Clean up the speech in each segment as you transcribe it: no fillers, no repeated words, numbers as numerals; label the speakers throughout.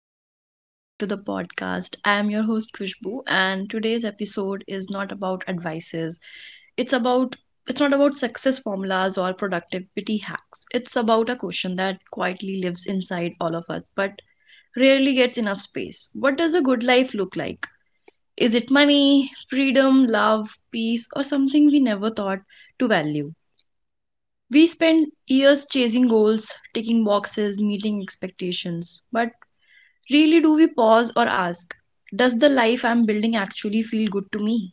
Speaker 1: everyone. Welcome back to the podcast. I am your host, Kushbu, and today's episode is not about advices. It's about it's not about success formulas or productivity hacks. It's about a question that quietly lives inside all of us, but rarely gets enough space. What does a good life look like? Is it money, freedom, love, peace, or something we never thought to value? We spend years chasing goals, ticking boxes, meeting expectations. But really, do we pause or ask, does the life I'm building actually feel good to me?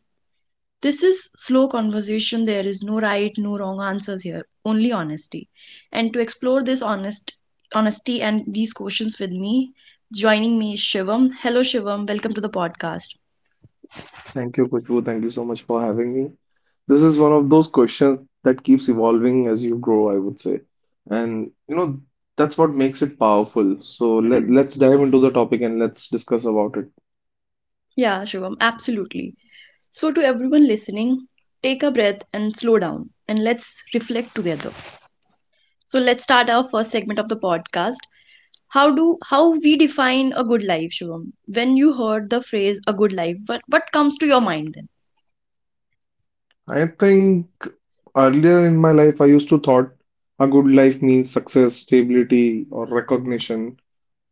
Speaker 1: This is slow conversation. There is no right, no wrong answers here, only honesty. And to explore this honesty and these questions with me, joining me is Shivam. Hello Shivam, welcome to the podcast.
Speaker 2: Thank you, Kushbu. Thank you so much for having me. This is one of those questions that keeps evolving as you grow, I would say. And you know, that's what makes it powerful. So let's dive into the topic and let's discuss about it.
Speaker 1: Yeah, Shivam, absolutely. So to everyone listening, take a breath and slow down and let's reflect together. So let's start our first segment of the podcast. How we define a good life, Shivam? When you heard the phrase a good life, what comes to your mind then?
Speaker 2: I think earlier in my life, I used to thought a good life means success, stability, or recognition.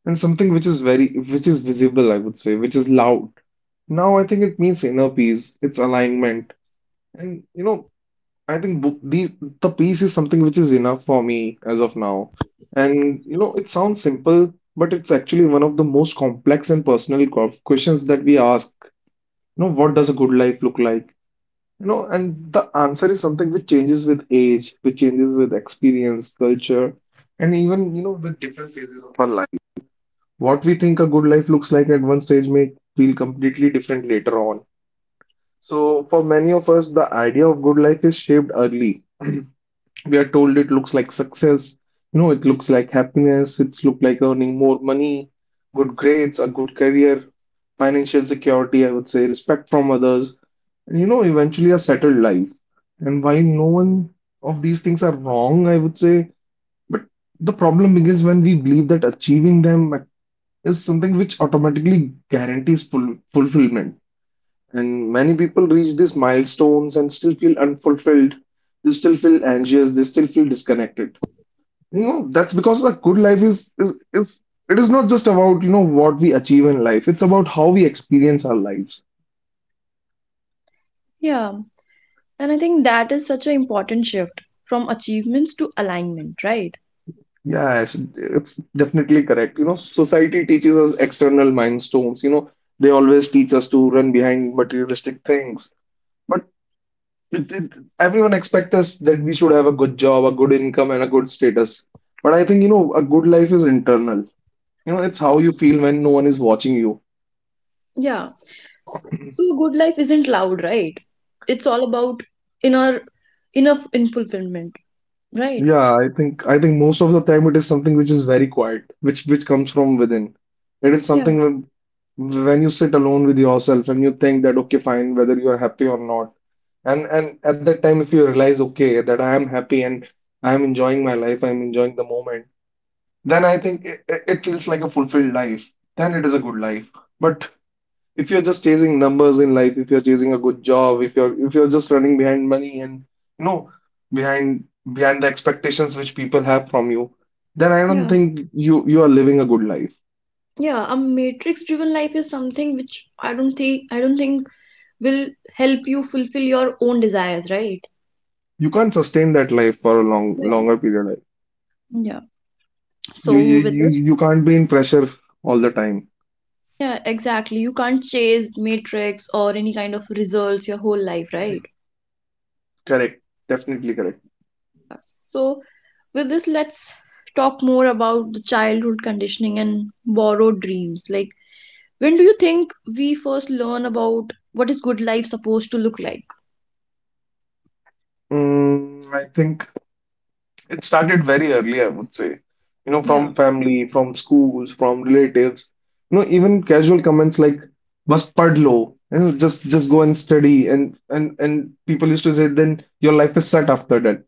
Speaker 2: And something which is very, which is visible, I would say, which is loud. Now I think it means inner peace, it's alignment. And you know, I think the peace is something which is enough for me as of now. And you know, it sounds simple, but it's actually one of the most complex and personal questions that we ask. You know, what does a good life look like? You know, and the answer is something which changes with age, which changes with experience, culture, and even, you know, with different phases of our life. What we think a good life looks like at one stage may feel completely different later on. So, for many of us, the idea of good life is shaped early. We are told it looks like success, you know, it looks like happiness, it's look like earning more money, good grades, a good career, financial security, I would say, respect from others, and you know, eventually a settled life. And while no one of these things are wrong, I would say, but the problem begins when we believe that achieving them is something which automatically guarantees fulfillment. And many people reach these milestones and still feel unfulfilled. They still feel anxious. They still feel disconnected. You know, that's because a good life is it is not just about, you know, what we achieve in life. It's about how we experience our lives.
Speaker 1: Yeah, and I think that is such an important shift from achievements to alignment, right?
Speaker 2: Yes, it's definitely correct. You know, society teaches us external milestones. You know, they always teach us to run behind materialistic things. But It, it, everyone expects us that we should have a good job, a good income, and a good status. But I think, you know, a good life is internal. You know, it's how you feel when no one is watching you.
Speaker 1: Yeah. So a good life isn't loud, right? It's all about inner inner in fulfillment, right?
Speaker 2: Yeah, I think most of the time it is something which is very quiet, which comes from within. It is
Speaker 1: Yeah,
Speaker 2: something when you sit alone with yourself and you think that okay, fine, whether you are happy or not. And at that time, if you realize, okay, that I am happy and I am enjoying my life, I am enjoying the moment, then I think it, it feels like a fulfilled life. Then it is a good life. But if you're just chasing numbers in life, if you're chasing a good job, if you're just running behind money and you know behind behind the expectations which people have from you, then I
Speaker 1: yeah.
Speaker 2: don't think you are living a good life.
Speaker 1: Yeah, a matrix driven life is something which I don't think will help you fulfill your own desires, right?
Speaker 2: You can't sustain that life for a long
Speaker 1: Yeah.
Speaker 2: longer period.
Speaker 1: Yeah.
Speaker 2: You
Speaker 1: So
Speaker 2: you
Speaker 1: with
Speaker 2: you
Speaker 1: this,
Speaker 2: you can't be in pressure all the time.
Speaker 1: yeah, exactly. You can't chase matrix or any kind of results your whole life, right?
Speaker 2: Correct. Definitely correct.
Speaker 1: So with this, let's talk more about the childhood conditioning and borrowed dreams. Like, when do you think we first learn about what is good life supposed to look like?
Speaker 2: I think it started very early, I would say. You know,
Speaker 1: Yeah,
Speaker 2: from family, from schools, from relatives. You know, even casual comments like "बस पढ़ लो," you know, just go and study, and and people used to say, "Then your life is set after that."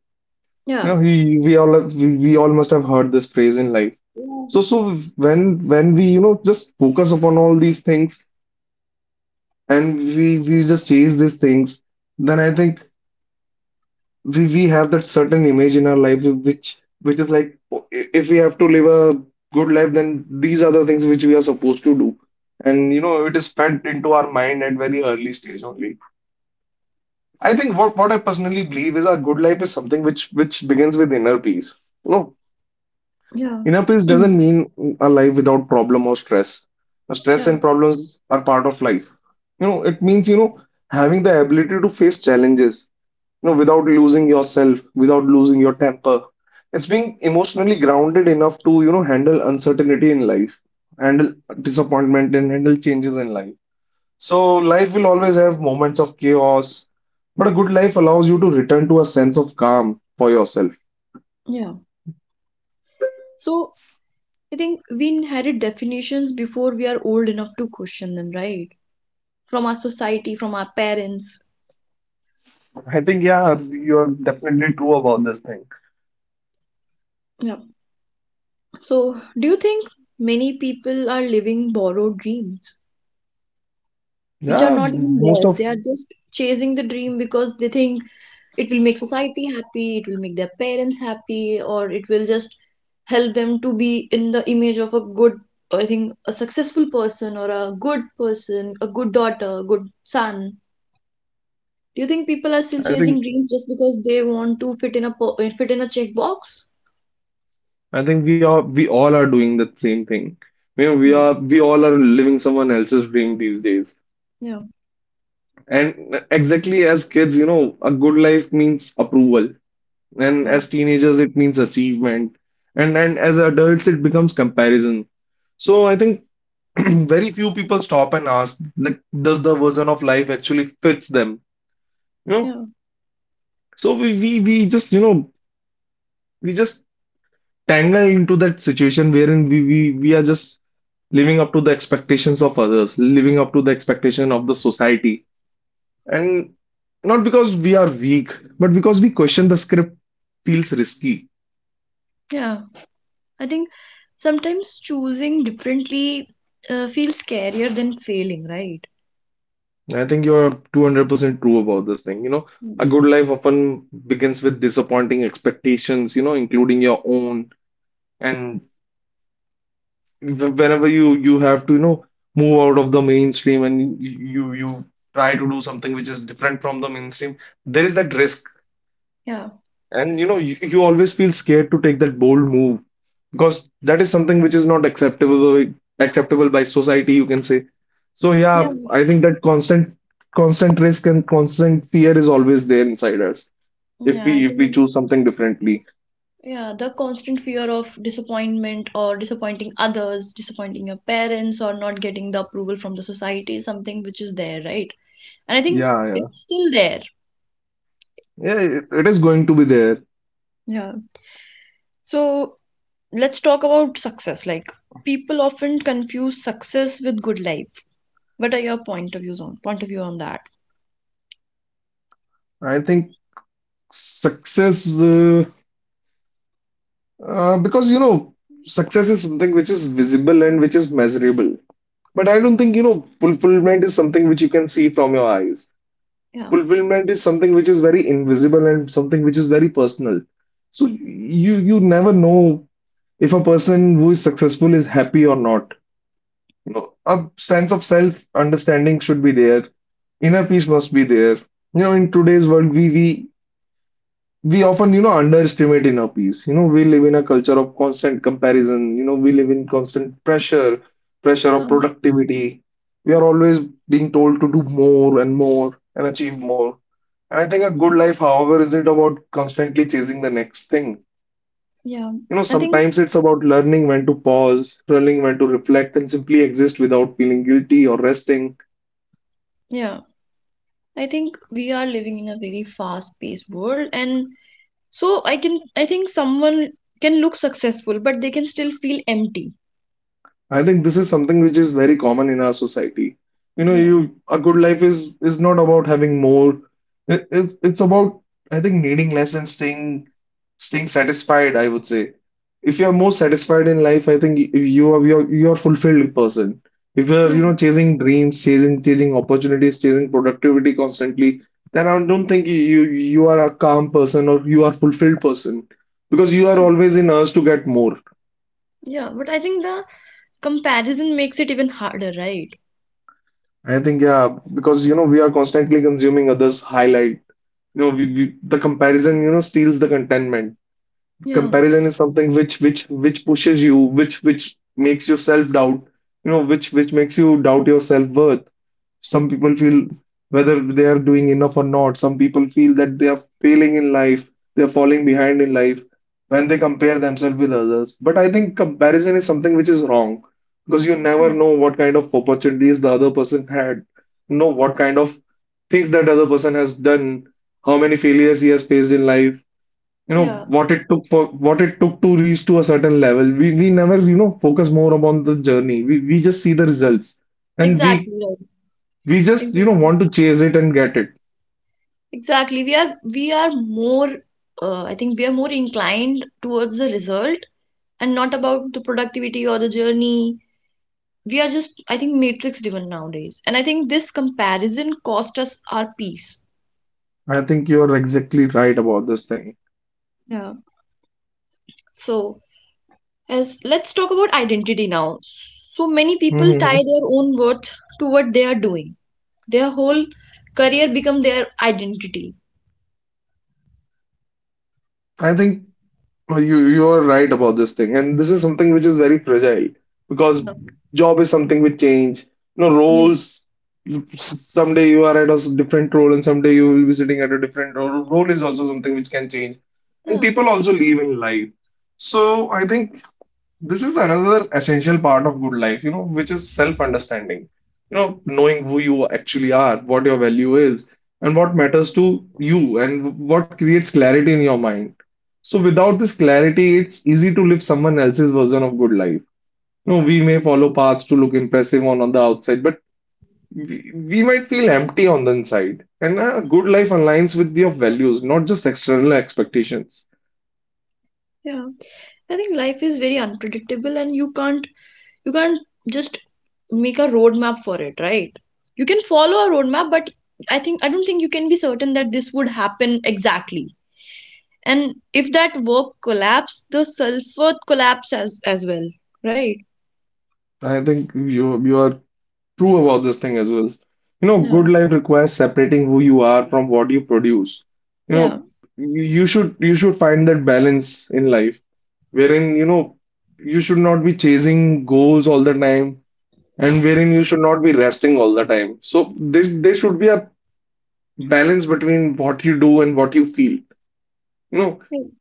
Speaker 2: You
Speaker 1: yeah,
Speaker 2: know, we all must have heard this phrase in life.
Speaker 1: yeah,
Speaker 2: So when when we, you know, just focus upon all these things and we just chase these things, then I think we have that certain image in our life which is like, oh, if we have to live a good life, then these are the things which we are supposed to do. And you know, it is fed into our mind at very early stage only. I think what I personally believe is our good life is something which begins with inner peace. You know, inner peace
Speaker 1: yeah,
Speaker 2: doesn't mean a life without problem or stress. The stress
Speaker 1: yeah,
Speaker 2: and problems are part of life. You know, it means, you know, having the ability to face challenges, you know, without losing yourself, without losing your temper. It's being emotionally grounded enough to, you know, handle uncertainty in life, handle disappointment, and handle changes in life. So life will always have moments of chaos, but a good life allows you to return to a sense of calm for yourself.
Speaker 1: yeah. So I think we inherit definitions before we are old enough to question them, right? From our society, from our parents. Yeah. So, do you think many people are living borrowed dreams, which are
Speaker 2: Yeah,
Speaker 1: not even
Speaker 2: most
Speaker 1: theirs?
Speaker 2: of.
Speaker 1: They are just chasing the dream because they think it will make society happy, it will make their parents happy, or it will just help them to be in the image of a good, I think, a successful person or a good person, a good daughter, a good son. Do you think people are still
Speaker 2: I
Speaker 1: chasing
Speaker 2: think
Speaker 1: dreams just because they want to fit in a fit in a checkbox?
Speaker 2: we all are doing the same thing. You know, we
Speaker 1: Yeah,
Speaker 2: are we all are living someone else's dream these days.
Speaker 1: yeah,
Speaker 2: And exactly, as kids, you know, a good life means approval. And
Speaker 1: yeah,
Speaker 2: as teenagers, it means achievement. And as adults, it becomes comparison. So I think very few people stop and ask, like, does the version of life actually fits them? You know?
Speaker 1: yeah,
Speaker 2: So we just, you know, we just tangle into that situation wherein we are just living up to the expectations of others, living up to the expectation of the society. And not because we are weak, but because we question the script feels risky.
Speaker 1: yeah. I think sometimes choosing differently feels scarier than failing, right?
Speaker 2: I think you're 200% true about this thing. You know,
Speaker 1: Mm.
Speaker 2: a good life often begins with disappointing expectations, you know, including your own. And whenever you you have to, you know, move out of the mainstream and you try to do something which is different from the mainstream, there is that risk.
Speaker 1: Yeah,
Speaker 2: And you know, you always feel scared to take that bold move because that is something which is not acceptable by society, you can say. So
Speaker 1: yeah,
Speaker 2: yeah, I think that constant risk and constant fear is always there inside us if
Speaker 1: yeah. I
Speaker 2: we
Speaker 1: think
Speaker 2: choose something differently.
Speaker 1: yeah, the constant fear of disappointment or disappointing others, disappointing your parents, or not getting the approval from the society is something which is there, right? And I think
Speaker 2: Yeah, yeah.
Speaker 1: it's still there.
Speaker 2: Yeah, it is going to be there.
Speaker 1: Yeah. So let's talk about success. Like people often confuse success with good life. What are your point of view on that?
Speaker 2: I think success, because you know, success is something which is visible and which is measurable. But I don't think, you know, fulfillment is something which you can see from your eyes.
Speaker 1: Yeah,
Speaker 2: Fulfillment is something which is very invisible and something which is very personal. So you never know if a person who is successful is happy or not. You know, a sense of self understanding should be there. Inner peace must be there. You know, in today's world, we often, you know, underestimate inner peace. You know, we live in a culture of constant comparison. You know, we live in constant pressure
Speaker 1: yeah,
Speaker 2: of productivity. We are always being told to do more and more and achieve more. And I think a good life, however, isn't about constantly chasing the next thing.
Speaker 1: yeah.
Speaker 2: You know,
Speaker 1: I think.
Speaker 2: sometimes it's about learning when to pause, learning when to reflect, and simply exist without feeling guilty or resting.
Speaker 1: Yeah. I think we are living in a very fast-paced world, and so I can I think someone can look successful, but they can still feel empty.
Speaker 2: I think this is something which is very common in our society. You know,
Speaker 1: You know?
Speaker 2: you a good life is not about having more. It's about, I think, needing less and staying satisfied, I would say. If you are more satisfied in life, I think you are fulfilled person. If you are,
Speaker 1: Yeah.
Speaker 2: you know, chasing dreams, chasing opportunities, chasing productivity constantly, then I don't think you you are a calm person or you are fulfilled person, because you are always in urge to get more.
Speaker 1: Yeah, but I think the comparison makes it even harder, right?
Speaker 2: I think yeah, because you know, we are constantly consuming others' highlight. You know, we the comparison, you know, steals the contentment.
Speaker 1: Yeah.
Speaker 2: Comparison is something which pushes you, which makes you self doubt. You know, which makes you doubt your self worth. Some people feel whether they are doing enough or not. Some people feel that they are failing in life, they are falling behind in life when they compare themselves with others. But I think comparison is something which is wrong because you
Speaker 1: Mm.
Speaker 2: never know what kind of opportunities the other person had, know what kind of things that other person has done, how many failures he has faced in life, you know,
Speaker 1: Yeah,
Speaker 2: what it took for what it took to reach to a certain level. We never, you know, focus more upon the journey. We just see the results, and
Speaker 1: exactly
Speaker 2: we
Speaker 1: right.
Speaker 2: we just, you know,
Speaker 1: Exactly.
Speaker 2: want to chase it and get it.
Speaker 1: Exactly. We are more I think we are more inclined towards the result and not about the productivity or the journey. We are just, I think, matrix driven nowadays, and I think this comparison cost us our peace.
Speaker 2: I think you are exactly right about this thing.
Speaker 1: Yeah. So, as let's talk about identity now. So many people tie
Speaker 2: hmm
Speaker 1: their own worth to what they are doing. Their whole career become their identity.
Speaker 2: I think you you are right about this thing, and this is something which is very fragile because
Speaker 1: Yeah.
Speaker 2: job is something which change. You know,
Speaker 1: Yeah,
Speaker 2: roles. Someday you are at a different role, and someday you will be sitting at a different role. Role is also something which can change, and
Speaker 1: yeah.
Speaker 2: people also live in life. So I think this is another essential part of good life, you know, which is self-understanding. You know, knowing who you actually are, what your value is, and what matters to you, and what creates clarity in your mind. So, without this clarity, it's easy to live someone else's version of good life. You know, we may follow paths to look impressive on the outside, but we might feel empty on the inside. And a good life aligns with your values, not just external expectations.
Speaker 1: Yeah. I think life is very unpredictable and you can't just make a roadmap for it, right? You can follow a roadmap, but I don't think you can be certain that this would happen exactly. And if that work collapse, the sulfur collapse as well, right?
Speaker 2: I think you are true about this thing as well. You know,
Speaker 1: Yeah.
Speaker 2: good life requires separating who you are from what you produce. You
Speaker 1: Yeah.
Speaker 2: know, you should find that balance in life wherein, you know, you should not be chasing goals all the time and wherein you should not be resting all the time. So there should be a balance between what you do and what you feel. You know,
Speaker 1: Mm,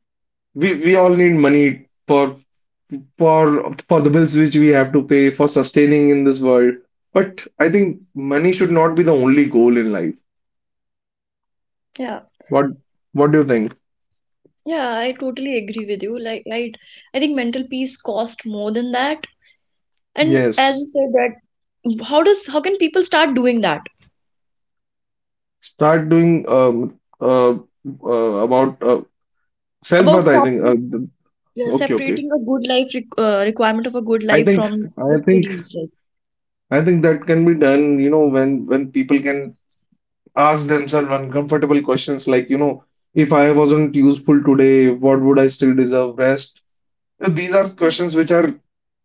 Speaker 2: we all need money for for the bills which we have to pay for sustaining in this world. But I think money should not be the only goal in life.
Speaker 1: yeah.
Speaker 2: What what do you think?
Speaker 1: Yeah, I totally agree with you, like, right? I think mental peace cost more than that. And as you
Speaker 2: Yes,
Speaker 1: said, that how can people start doing that?
Speaker 2: start doing about self-worth.
Speaker 1: About
Speaker 2: I think
Speaker 1: separate, yeah,
Speaker 2: okay, okay.
Speaker 1: separating a good life requirement of a good
Speaker 2: I
Speaker 1: life
Speaker 2: think
Speaker 1: from the
Speaker 2: I think
Speaker 1: produce, like.
Speaker 2: I think that can be done. You know, when people can ask themselves uncomfortable questions like, you know, if I wasn't useful today, what would I still deserve? Rest. So these are
Speaker 1: Mm.
Speaker 2: questions which are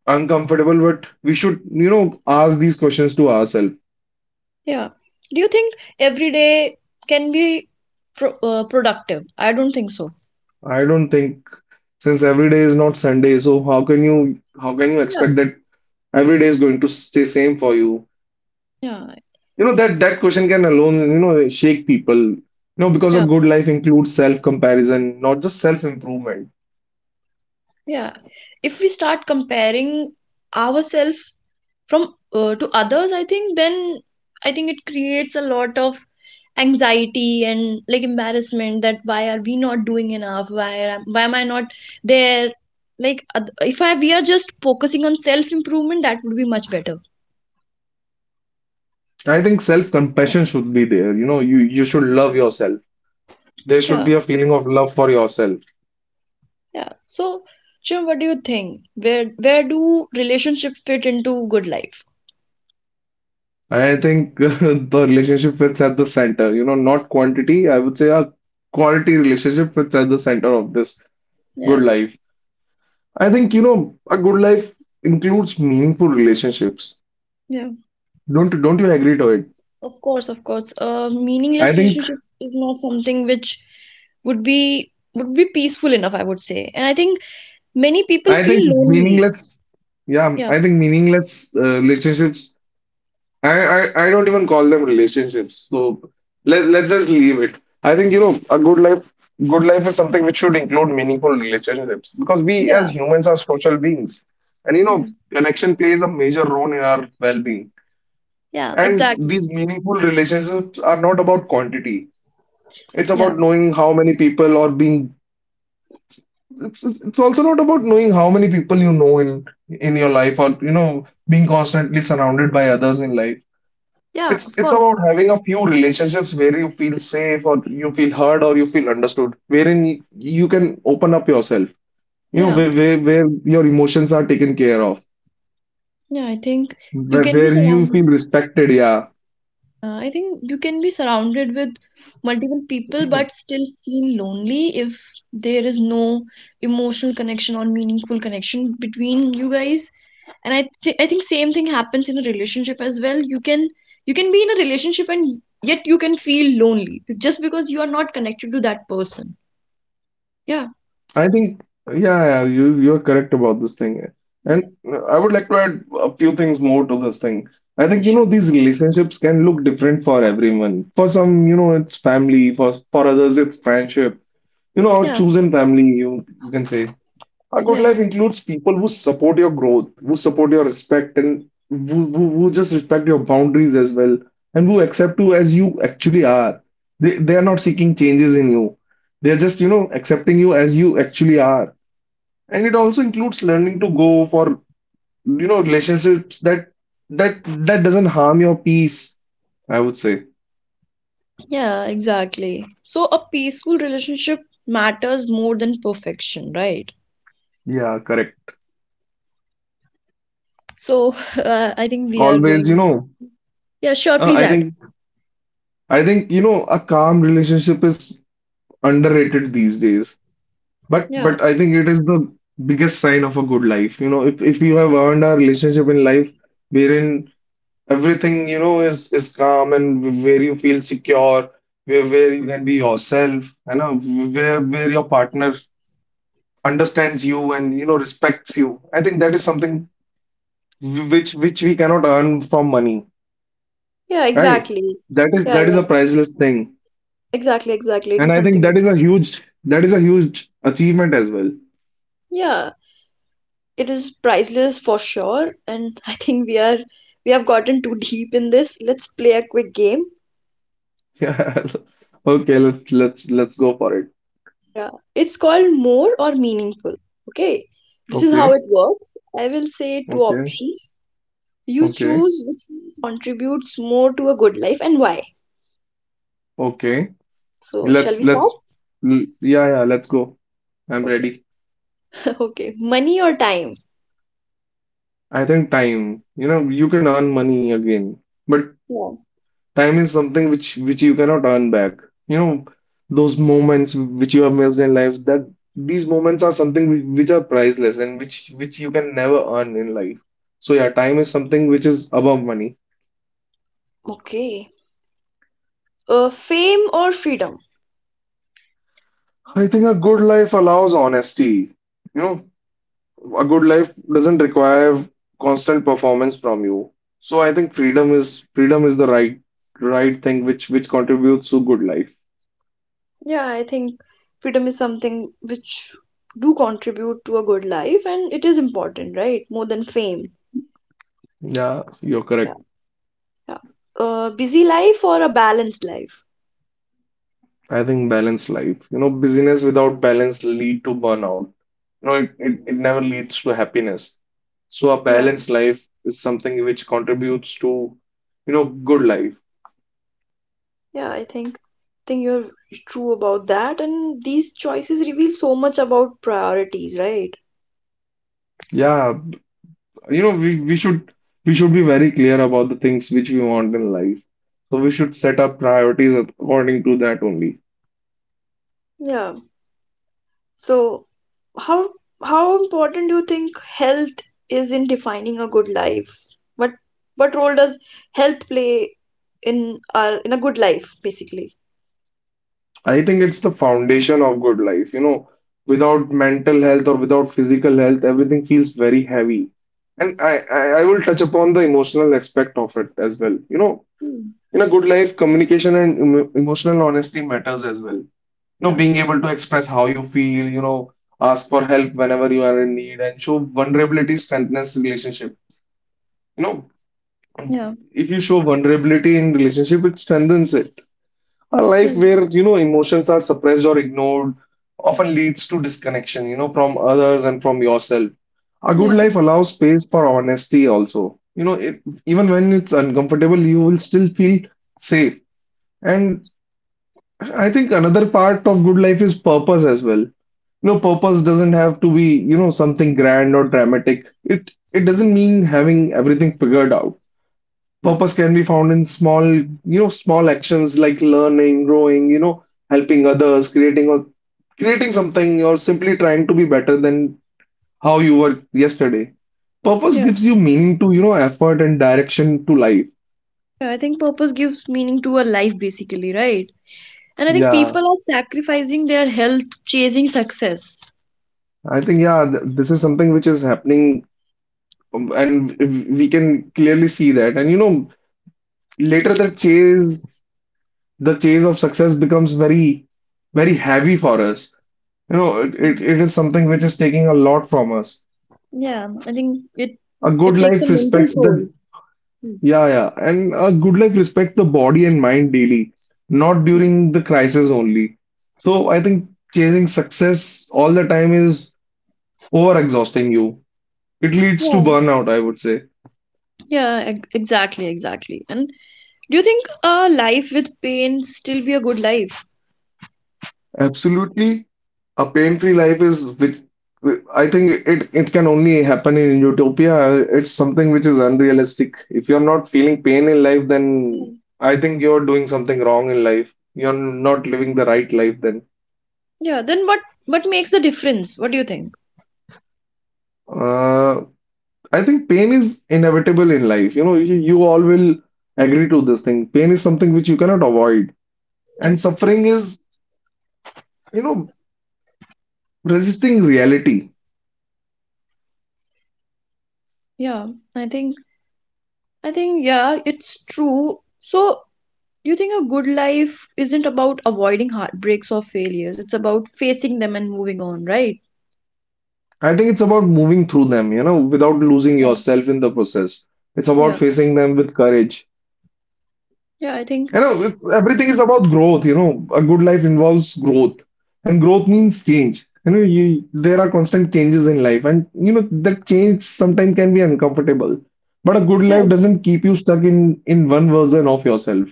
Speaker 2: uncomfortable, but we should, you know, ask these questions to ourselves.
Speaker 1: Yeah. Do you think every day can be productive? I don't think so.
Speaker 2: I don't think, since every day is not Sunday, so how can you
Speaker 1: Yeah,
Speaker 2: expect that every day is going to stay same for you?
Speaker 1: yeah.
Speaker 2: You know that question can alone, you know, shake people. You know, because a good life includes self-comparison, not just self-improvement.
Speaker 1: Yeah. If we start comparing ourselves from to others, I think then I think it creates a lot of anxiety and like embarrassment that why are we not doing enough? Why am I not there? Like if I, we are just focusing on self improvement, that would be much better.
Speaker 2: I think self-compassion should be there. You know, you should love yourself. There should
Speaker 1: Yeah,
Speaker 2: be a feeling of love for yourself.
Speaker 1: yeah. So, Jim, what do you think? Where do relationship fit into good life?
Speaker 2: I think the relationship fits at the center, you know, not quantity. I would say a quality relationship fits at the center of this
Speaker 1: Yeah,
Speaker 2: good life. I think, you know, a good life includes meaningful relationships.
Speaker 1: yeah.
Speaker 2: Don't you agree to it?
Speaker 1: Of course, of course. A
Speaker 2: I
Speaker 1: meaningless
Speaker 2: think
Speaker 1: relationship is not something which would be, would be peaceful enough, I would say. And I think many people
Speaker 2: I
Speaker 1: feel
Speaker 2: think
Speaker 1: lonely.
Speaker 2: meaningless, yeah,
Speaker 1: Yeah.
Speaker 2: I think meaningless relationships, I, I, I don't even call them relationships. So, let's just leave it. I think, you know, good life is something which should include meaningful relationships because we
Speaker 1: Yeah.
Speaker 2: as humans are social beings. And, you know,
Speaker 1: Yeah.
Speaker 2: connection plays a major role in our well-being.
Speaker 1: Yeah,
Speaker 2: And
Speaker 1: exactly.
Speaker 2: these meaningful relationships are not about quantity. It's
Speaker 1: Yeah.
Speaker 2: about knowing how many people or being, it's also not about knowing how many people you know in your life or, you know, being constantly surrounded by others in life.
Speaker 1: Yeah, of
Speaker 2: It's
Speaker 1: course.
Speaker 2: about having a few relationships where you feel safe or you feel heard or you feel understood, wherein you can open up yourself. You know,
Speaker 1: Yeah.
Speaker 2: where your emotions are taken care of,
Speaker 1: Yeah, I think you can be
Speaker 2: where you feel
Speaker 1: surrounded,
Speaker 2: respected. Yeah.
Speaker 1: I think you can be surrounded with multiple people but still feel lonely if there is no emotional connection or meaningful connection between you guys. And I think same thing happens in a relationship as well. You can, you can be in a relationship and yet you can feel lonely just because you are not connected to that person. Yeah.
Speaker 2: I think yeah, you you're correct about this thing. And I would like to add a few things more to this thing. I think,
Speaker 1: That's
Speaker 2: you know,
Speaker 1: true.
Speaker 2: these relationships can look different for everyone. For some, you know, it's family. For others, it's friendship. You know, or
Speaker 1: Yeah.
Speaker 2: chosen family, you can say. A good
Speaker 1: Yeah.
Speaker 2: life includes people who support your growth, who support your respect, and who just respect your boundaries as well, and who accept you as you actually are. They are not seeking changes in you. They're just, you know, accepting you as you actually are. And it also includes learning to go for, you know, relationships that that doesn't harm your peace, I would say.
Speaker 1: Yeah, exactly. So a peaceful relationship matters more than perfection, right?
Speaker 2: Yeah, correct.
Speaker 1: So I think we are
Speaker 2: Always, you
Speaker 1: going.
Speaker 2: know,
Speaker 1: Yeah, sure, please
Speaker 2: I
Speaker 1: add.
Speaker 2: think you know, a calm relationship is underrated these days. But
Speaker 1: Yeah.
Speaker 2: but I think it is the biggest sign of a good life. You know, if you have earned a relationship in life wherein everything, you know, is calm and where you feel secure, where you can be yourself, you know, where your partner understands you and you know respects you. I think that is something which we cannot earn from money,
Speaker 1: Yeah,
Speaker 2: right?
Speaker 1: exactly.
Speaker 2: That is
Speaker 1: Yeah,
Speaker 2: that is
Speaker 1: yeah,
Speaker 2: a priceless thing.
Speaker 1: exactly, exactly. It
Speaker 2: And
Speaker 1: is
Speaker 2: I think
Speaker 1: something.
Speaker 2: that is a huge, achievement as well.
Speaker 1: Yeah, it is priceless for sure. And I think we, are we have gotten too deep in this. Let's play a quick game.
Speaker 2: Yeah. Okay, let's go for it.
Speaker 1: Yeah. It's called more or meaningful. Okay, this is how it
Speaker 2: Okay,
Speaker 1: works. I will say two
Speaker 2: okay,
Speaker 1: options, you
Speaker 2: okay,
Speaker 1: choose which contributes more to a good life and why.
Speaker 2: okay.
Speaker 1: So shall
Speaker 2: Let's
Speaker 1: we start?
Speaker 2: let's yeah, yeah. Let's go. I'm
Speaker 1: Okay.
Speaker 2: ready.
Speaker 1: Okay, money or time?
Speaker 2: I think time. You know, you can earn money again, but
Speaker 1: Yeah.
Speaker 2: time is something which you cannot earn back. You know, those moments which you have missed in life. That these moments are something which are priceless and which you can never earn in life. So yeah, time is something which is above money.
Speaker 1: Okay, fame or freedom?
Speaker 2: I think a good life allows honesty. You know, a good life doesn't require constant performance from you. So I think freedom is the right thing which contributes to good life.
Speaker 1: Yeah, I think freedom is something which do contribute to a good life and it is important, right? More than fame.
Speaker 2: Yeah, you're
Speaker 1: Yeah.
Speaker 2: correct.
Speaker 1: Yeah. A busy life or a balanced life?
Speaker 2: I think balanced life. You know, busyness without balance lead to burnout. You know,
Speaker 1: Yeah.
Speaker 2: it never leads to happiness. So a
Speaker 1: Yeah.
Speaker 2: balanced life is something which contributes to, you know, good life.
Speaker 1: Yeah, I think you're true about that, and these choices reveal so much about priorities, right?
Speaker 2: Yeah, you know, we should be very clear about the things which we want in life, so we should set up priorities according to that only.
Speaker 1: Yeah. So, how how important do you think health is in defining a good life? What what role does health play in our, in a good life, basically?
Speaker 2: I think it's the foundation of good life. You know, without mental health or without physical health, everything feels very heavy. And I will touch upon the emotional aspect of it as well. You know,
Speaker 1: Mm.
Speaker 2: in a good life, communication and emotional honesty matters as well. You know,
Speaker 1: Yeah,
Speaker 2: being able to express how you feel, you know, ask for help whenever you are in need, and show vulnerability strengthens relationships. You know,
Speaker 1: yeah,
Speaker 2: if you show vulnerability in relationship, it strengthens it. A life
Speaker 1: yeah,
Speaker 2: where, you know, emotions are suppressed or ignored often leads to disconnection, you know, from others and from yourself. A good
Speaker 1: yeah,
Speaker 2: life allows space for honesty also. You know, it, even when it's uncomfortable, you will still feel safe. And I think another part of good life is purpose as well. You know, purpose doesn't have to be, you know, something grand or dramatic. It doesn't mean having everything figured out.
Speaker 1: yeah,
Speaker 2: Purpose can be found in small, you know, small actions like learning, growing, you know, helping others, creating something, or simply trying to be better than how you were yesterday. Purpose
Speaker 1: yeah.
Speaker 2: gives you meaning to, you know, effort and direction to life.
Speaker 1: Yeah, I think purpose gives meaning to a life, basically, right? And I think
Speaker 2: Yeah,
Speaker 1: people are sacrificing their health, chasing success.
Speaker 2: I think, yeah, this is something which is happening, and we can clearly see that. And you know, later the chase of success becomes very heavy for us. You know,
Speaker 1: Mm.
Speaker 2: it is something which is taking a lot from us.
Speaker 1: Yeah, I think
Speaker 2: A good
Speaker 1: it takes a
Speaker 2: life
Speaker 1: mental
Speaker 2: respects the,
Speaker 1: toll. Mm.
Speaker 2: yeah, yeah, and a good life respects the body and mind daily, not
Speaker 1: Mm.
Speaker 2: during the crisis only. So I think chasing success all the time is over exhausting you. It leads to
Speaker 1: Yeah,
Speaker 2: burnout, I would say.
Speaker 1: yeah, exactly, exactly. And do you think a life with pain still be a good life?
Speaker 2: Absolutely. A pain-free life is which I think it it can only happen in utopia. It's something which is unrealistic. If you're not feeling pain in life, then
Speaker 1: Mm.
Speaker 2: I think you're doing something wrong in life. You're not living the right life then.
Speaker 1: Yeah, then what makes the difference? What do you think?
Speaker 2: Uh, I think pain is inevitable in life. You know, you all will agree to this thing. Pain is something which you cannot avoid.
Speaker 1: Yeah,
Speaker 2: And suffering is, you know, resisting reality.
Speaker 1: yeah, I think I think yeah, it's true. So do you think a good life isn't about avoiding heartbreaks or failures? It's about facing them and moving on, right?
Speaker 2: I think it's about moving through them, you know, without losing
Speaker 1: Yeah,
Speaker 2: yourself in the process. It's about
Speaker 1: yeah,
Speaker 2: facing them with courage.
Speaker 1: yeah. I think,
Speaker 2: You know, it's, everything is about growth. You know, a good life involves growth, and growth means change. You know, there are constant changes in life, and you know that change sometimes can be uncomfortable. But a good
Speaker 1: yeah,
Speaker 2: life
Speaker 1: it's-
Speaker 2: doesn't keep you stuck in one version of yourself.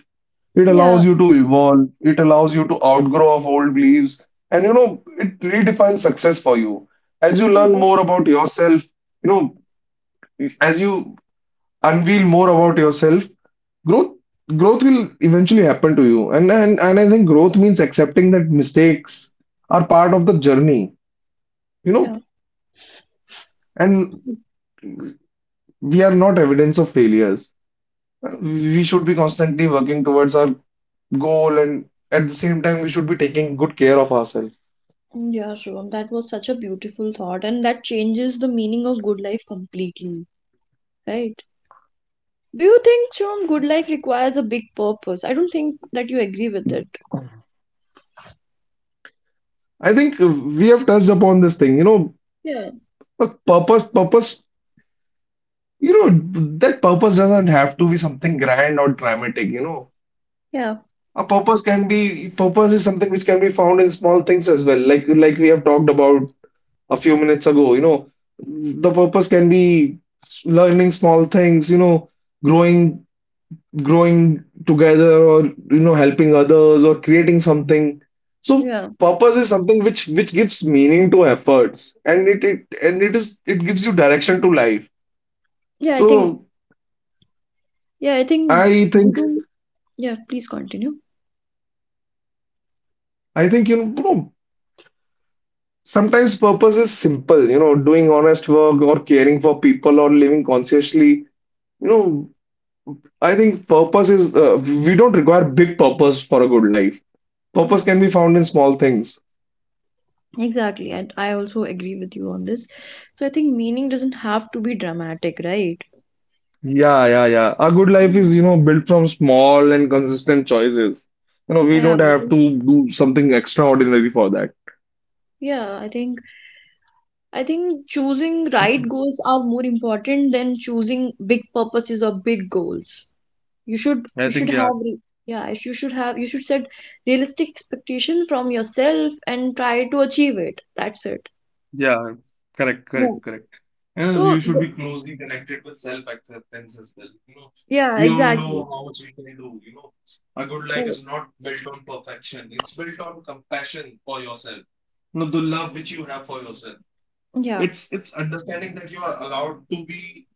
Speaker 2: It
Speaker 1: yeah,
Speaker 2: allows you to evolve. It allows you to outgrow of old beliefs, and you know, it redefines success for you. As you
Speaker 1: yeah,
Speaker 2: learn
Speaker 1: that,
Speaker 2: more about yourself, you know, as you unveil more about yourself, growth growth will eventually happen to you. And I think growth means accepting that mistakes are part of the journey, you know,
Speaker 1: yeah,
Speaker 2: and we are not evidence of failures. We should be constantly working towards our goal, and at the same time, we should be taking good care of ourselves.
Speaker 1: yeah, Shivam. That was such a beautiful thought, and that changes the meaning of good life completely, right? Do you think, Shivam, good life requires a big purpose? I don't think that you agree with it.
Speaker 2: I think we have touched upon this thing. You know,
Speaker 1: Yeah,
Speaker 2: a purpose, you know, that purpose doesn't have to be something grand or dramatic, you know.
Speaker 1: yeah,
Speaker 2: A purpose is something which can be found in small things as well. Like we have talked about a few minutes ago, you know, the purpose can be learning small things, you know, growing growing together or, you know, helping others or creating something. So
Speaker 1: yeah,
Speaker 2: purpose is something which gives meaning to efforts and it gives you direction to life.
Speaker 1: yeah. I think,
Speaker 2: So
Speaker 1: yeah, I think
Speaker 2: I
Speaker 1: you
Speaker 2: think
Speaker 1: do. Yeah, please continue.
Speaker 2: I think sometimes purpose is simple, you know, doing honest work or caring for people or living consciously. You know, I think purpose is, we don't require big purpose for a good life. Purpose
Speaker 1: Yeah.
Speaker 2: can be found in small things.
Speaker 1: Exactly, and I also agree with you on this. So I think meaning doesn't have to be dramatic, right?
Speaker 2: Yeah, yeah, yeah. A good life is,
Speaker 1: Mm.
Speaker 2: you know, built from small and consistent choices. You know, we
Speaker 1: Yeah, I
Speaker 2: don't have
Speaker 1: think,
Speaker 2: to do something extraordinary for that.
Speaker 1: yeah, I think choosing right goals are more important than choosing big purposes or big goals.
Speaker 2: I
Speaker 1: You should
Speaker 2: think,
Speaker 1: have
Speaker 2: yeah.
Speaker 1: re- Yeah, you should set realistic expectation from yourself and try to achieve it. That's it.
Speaker 2: Yeah, correct,
Speaker 1: Yeah.
Speaker 2: correct, correct. And you
Speaker 1: So
Speaker 2: should be closely connected with self-acceptance as well. You know,
Speaker 1: yeah,
Speaker 2: we all know
Speaker 1: exactly.
Speaker 2: how much we can do. You know, a good
Speaker 1: Yeah,
Speaker 2: life is not built on perfection. It's built on compassion for yourself. You know, the love which you have for yourself.
Speaker 1: yeah,
Speaker 2: It's understanding that you are allowed to be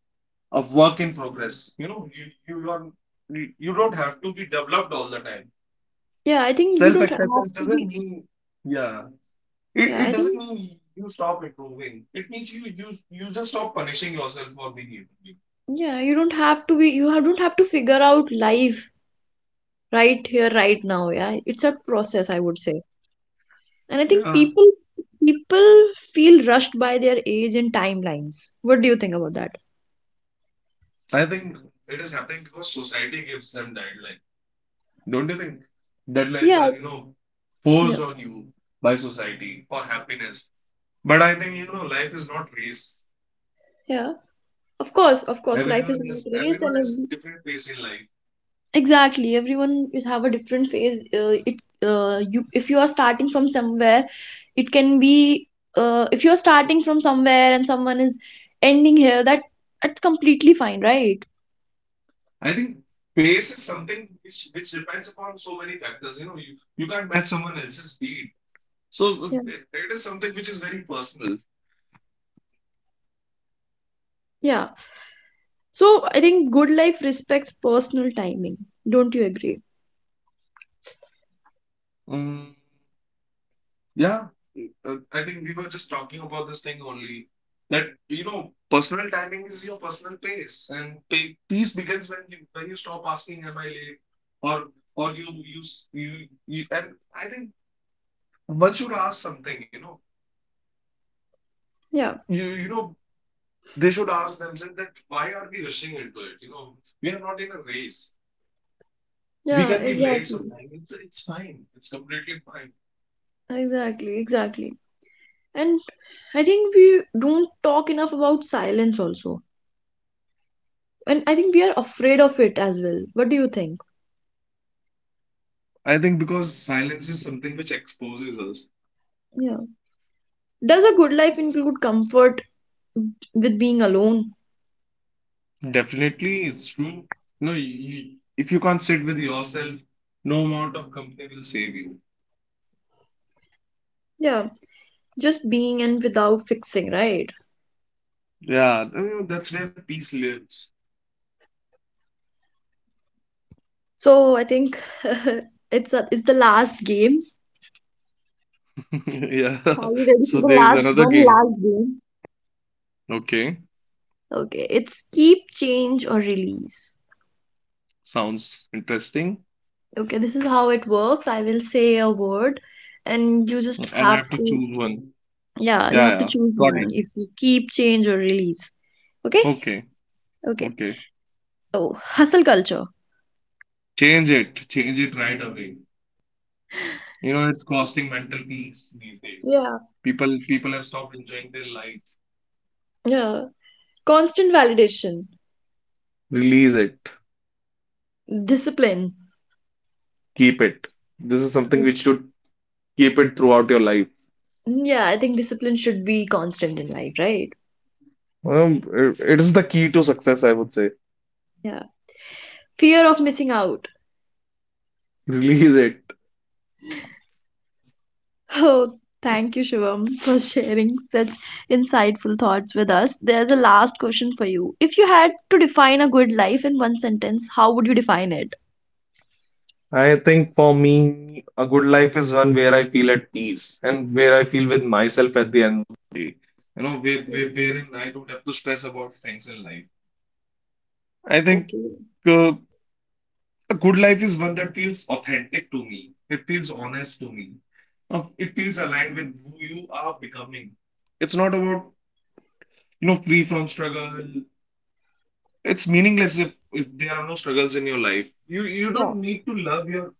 Speaker 2: a work in progress. You know, you are you don't have to be developed all the time.
Speaker 1: yeah. I think you don't have
Speaker 2: Self-acceptance
Speaker 1: to
Speaker 2: doesn't
Speaker 1: be.
Speaker 2: mean, yeah. It,
Speaker 1: Yeah, I
Speaker 2: it doesn't
Speaker 1: think.
Speaker 2: mean you stop improving. It means you just stop punishing yourself for being human being.
Speaker 1: Yeah, you don't have to be, don't have to figure out life right here, right now. Yeah, it's a process, I would say. And I think
Speaker 2: Yeah,
Speaker 1: people feel rushed by their age and timelines. What do you think about that?
Speaker 2: I think it is happening because society gives them deadline. Don't you think deadlines are,
Speaker 1: Yeah,
Speaker 2: you know,
Speaker 1: yeah,
Speaker 2: forced on you by society for happiness? But I think, you know, life is not race.
Speaker 1: yeah. Of course, life is not race,
Speaker 2: Everyone
Speaker 1: and
Speaker 2: has
Speaker 1: every-
Speaker 2: different pace in life.
Speaker 1: exactly, everyone is have a different phase. It You, if you are starting from somewhere, it can be, if you are starting from somewhere and someone is ending here, that that's completely fine, right?
Speaker 2: I think pace is something which depends upon so many factors. You know, you can't match someone else's speed. So it is something which is very personal.
Speaker 1: Yeah. So I think good life respects personal timing. Don't you agree?
Speaker 2: Um, yeah, I think we were just talking about this thing only that, you know, personal timing is your personal pace, and peace begins when you stop asking, "Am I late?" or or you you s- you and I think one should ask something, you know,
Speaker 1: Yeah.
Speaker 2: you know they should ask themselves that why are we rushing into it? You know, we are not in a race. We
Speaker 1: Yeah,
Speaker 2: can be late
Speaker 1: exactly.
Speaker 2: sometime. It's fine. It's completely fine.
Speaker 1: Exactly, exactly. And I think we don't talk enough about silence also. And I think we are afraid of it as well. What do you think?
Speaker 2: I think because silence is something which exposes us.
Speaker 1: Yeah. Does a good life include comfort with being alone?
Speaker 2: Definitely, it's true. No, if you can't sit with yourself, no amount of company will save you.
Speaker 1: Yeah, just being and without fixing, right?
Speaker 2: Yeah, I mean, that's where peace lives.
Speaker 1: So I think it's a, it's the last game.
Speaker 2: Yeah.
Speaker 1: Are you
Speaker 2: So
Speaker 1: ready for the
Speaker 2: there's
Speaker 1: last
Speaker 2: another
Speaker 1: one,
Speaker 2: game.
Speaker 1: last game?
Speaker 2: Okay,
Speaker 1: Okay, it's keep, change, or release.
Speaker 2: sounds interesting.
Speaker 1: Okay, this is how it works. I will say a word, and you just
Speaker 2: And I have to
Speaker 1: have
Speaker 2: choose
Speaker 1: to,
Speaker 2: one. Yeah,
Speaker 1: yeah, you
Speaker 2: yeah.
Speaker 1: have to
Speaker 2: Got
Speaker 1: choose
Speaker 2: it.
Speaker 1: one if you keep, change, or release. Okay,
Speaker 2: Okay,
Speaker 1: okay.
Speaker 2: okay.
Speaker 1: So, hustle culture.
Speaker 2: Change it. Change it right away. You know, it's costing mental peace these days.
Speaker 1: Yeah,
Speaker 2: People have stopped enjoying their lives.
Speaker 1: yeah. Constant validation,
Speaker 2: Release it.
Speaker 1: discipline.
Speaker 2: Keep it. This is something which should keep it throughout your life.
Speaker 1: Yeah, I think discipline should be constant in life, right?
Speaker 2: It is the key to success, I would say.
Speaker 1: Yeah. Fear of missing out.
Speaker 2: Release it.
Speaker 1: Oh, thank you, Shivam, for sharing such insightful thoughts with us. There's a last question for you. If you had to define a good life in one sentence, how would you define it?
Speaker 2: I think for me, a good life is one where I feel at peace and where I feel with myself at the end of the day. You know, wherein I don't have to stress about things in life. I think,
Speaker 1: Okay.
Speaker 2: uh, a good life is one that feels authentic to me. It feels honest to me. It feels aligned with who you are becoming. It's not about, you know, free from struggle. It's meaningless if there are no struggles in your life. You
Speaker 1: Yeah.
Speaker 2: don't need to love your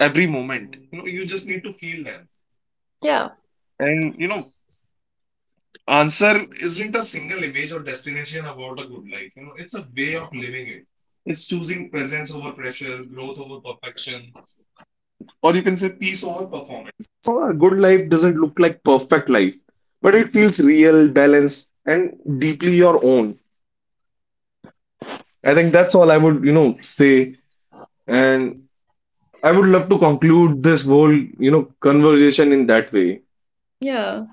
Speaker 2: every moment. You know, you just need to feel them.
Speaker 1: Yeah,
Speaker 2: And, you know, answer isn't a single image or destination about a good life. You know, it's a way of living it. It's choosing presence over pressure, growth over perfection, or you can say peace over performance. So a good life doesn't look like perfect life, but it feels real, balanced, and deeply your own. I think that's all I would, you know, say. And I would love to conclude this whole, you know, conversation in that way.
Speaker 1: yeah.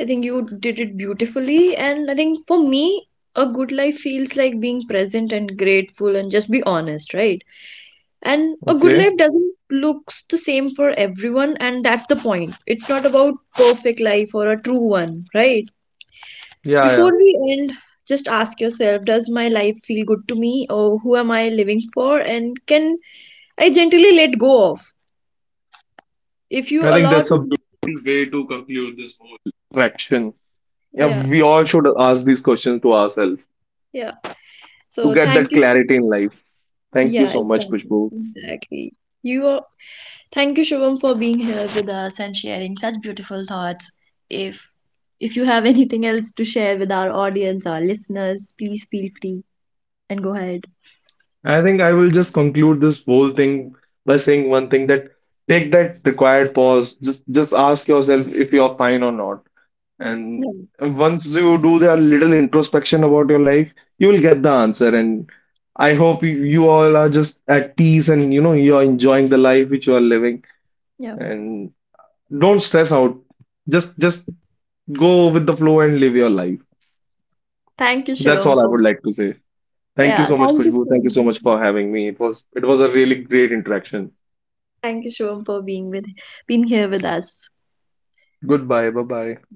Speaker 1: I think you did it beautifully. And I think for me, a good life feels like being present and grateful and just be honest, right? And a good
Speaker 2: Okay.
Speaker 1: life doesn't looks the same for everyone, and that's the point. It's not about perfect life or a true one, right?
Speaker 2: Yeah, yeah.
Speaker 1: Before we end, just ask yourself, does my life feel good to me or who am I living for? And can I gently let go of? If you
Speaker 2: I think
Speaker 1: allow
Speaker 2: that's a
Speaker 1: to,
Speaker 2: beautiful way to conclude this whole interaction. Yeah,
Speaker 1: yeah,
Speaker 2: we all should ask these questions to ourselves
Speaker 1: yeah.
Speaker 2: to
Speaker 1: So
Speaker 2: get
Speaker 1: thank
Speaker 2: that
Speaker 1: you so
Speaker 2: clarity in life. Thank you
Speaker 1: yeah,
Speaker 2: so much,
Speaker 1: exactly.
Speaker 2: Kushbu.
Speaker 1: Exactly. You are thank you, Shubham, for being here with us and sharing such beautiful thoughts. If you have anything else to share with our audience or listeners, please feel free and go ahead.
Speaker 2: I think I will just conclude this whole thing by saying one thing that take that required pause. Just ask yourself if you are fine or not. And
Speaker 1: Yeah.
Speaker 2: once you do that little introspection about your life, you will get the answer. And I hope you all are just at peace and, you know, you are enjoying the life which you are living.
Speaker 1: Yeah.
Speaker 2: And don't stress out. Just go with the flow and live your life.
Speaker 1: Thank you,
Speaker 2: That's
Speaker 1: Shivam,
Speaker 2: all I
Speaker 1: for
Speaker 2: would like to say. Thank you
Speaker 1: yeah,
Speaker 2: so much,
Speaker 1: thank you,
Speaker 2: Khushbu. Thank you
Speaker 1: Shivam.
Speaker 2: so much
Speaker 1: Yeah.
Speaker 2: for having me. It was a really great interaction.
Speaker 1: Thank you, Shivam, for being with being here with us.
Speaker 2: Goodbye. Bye bye.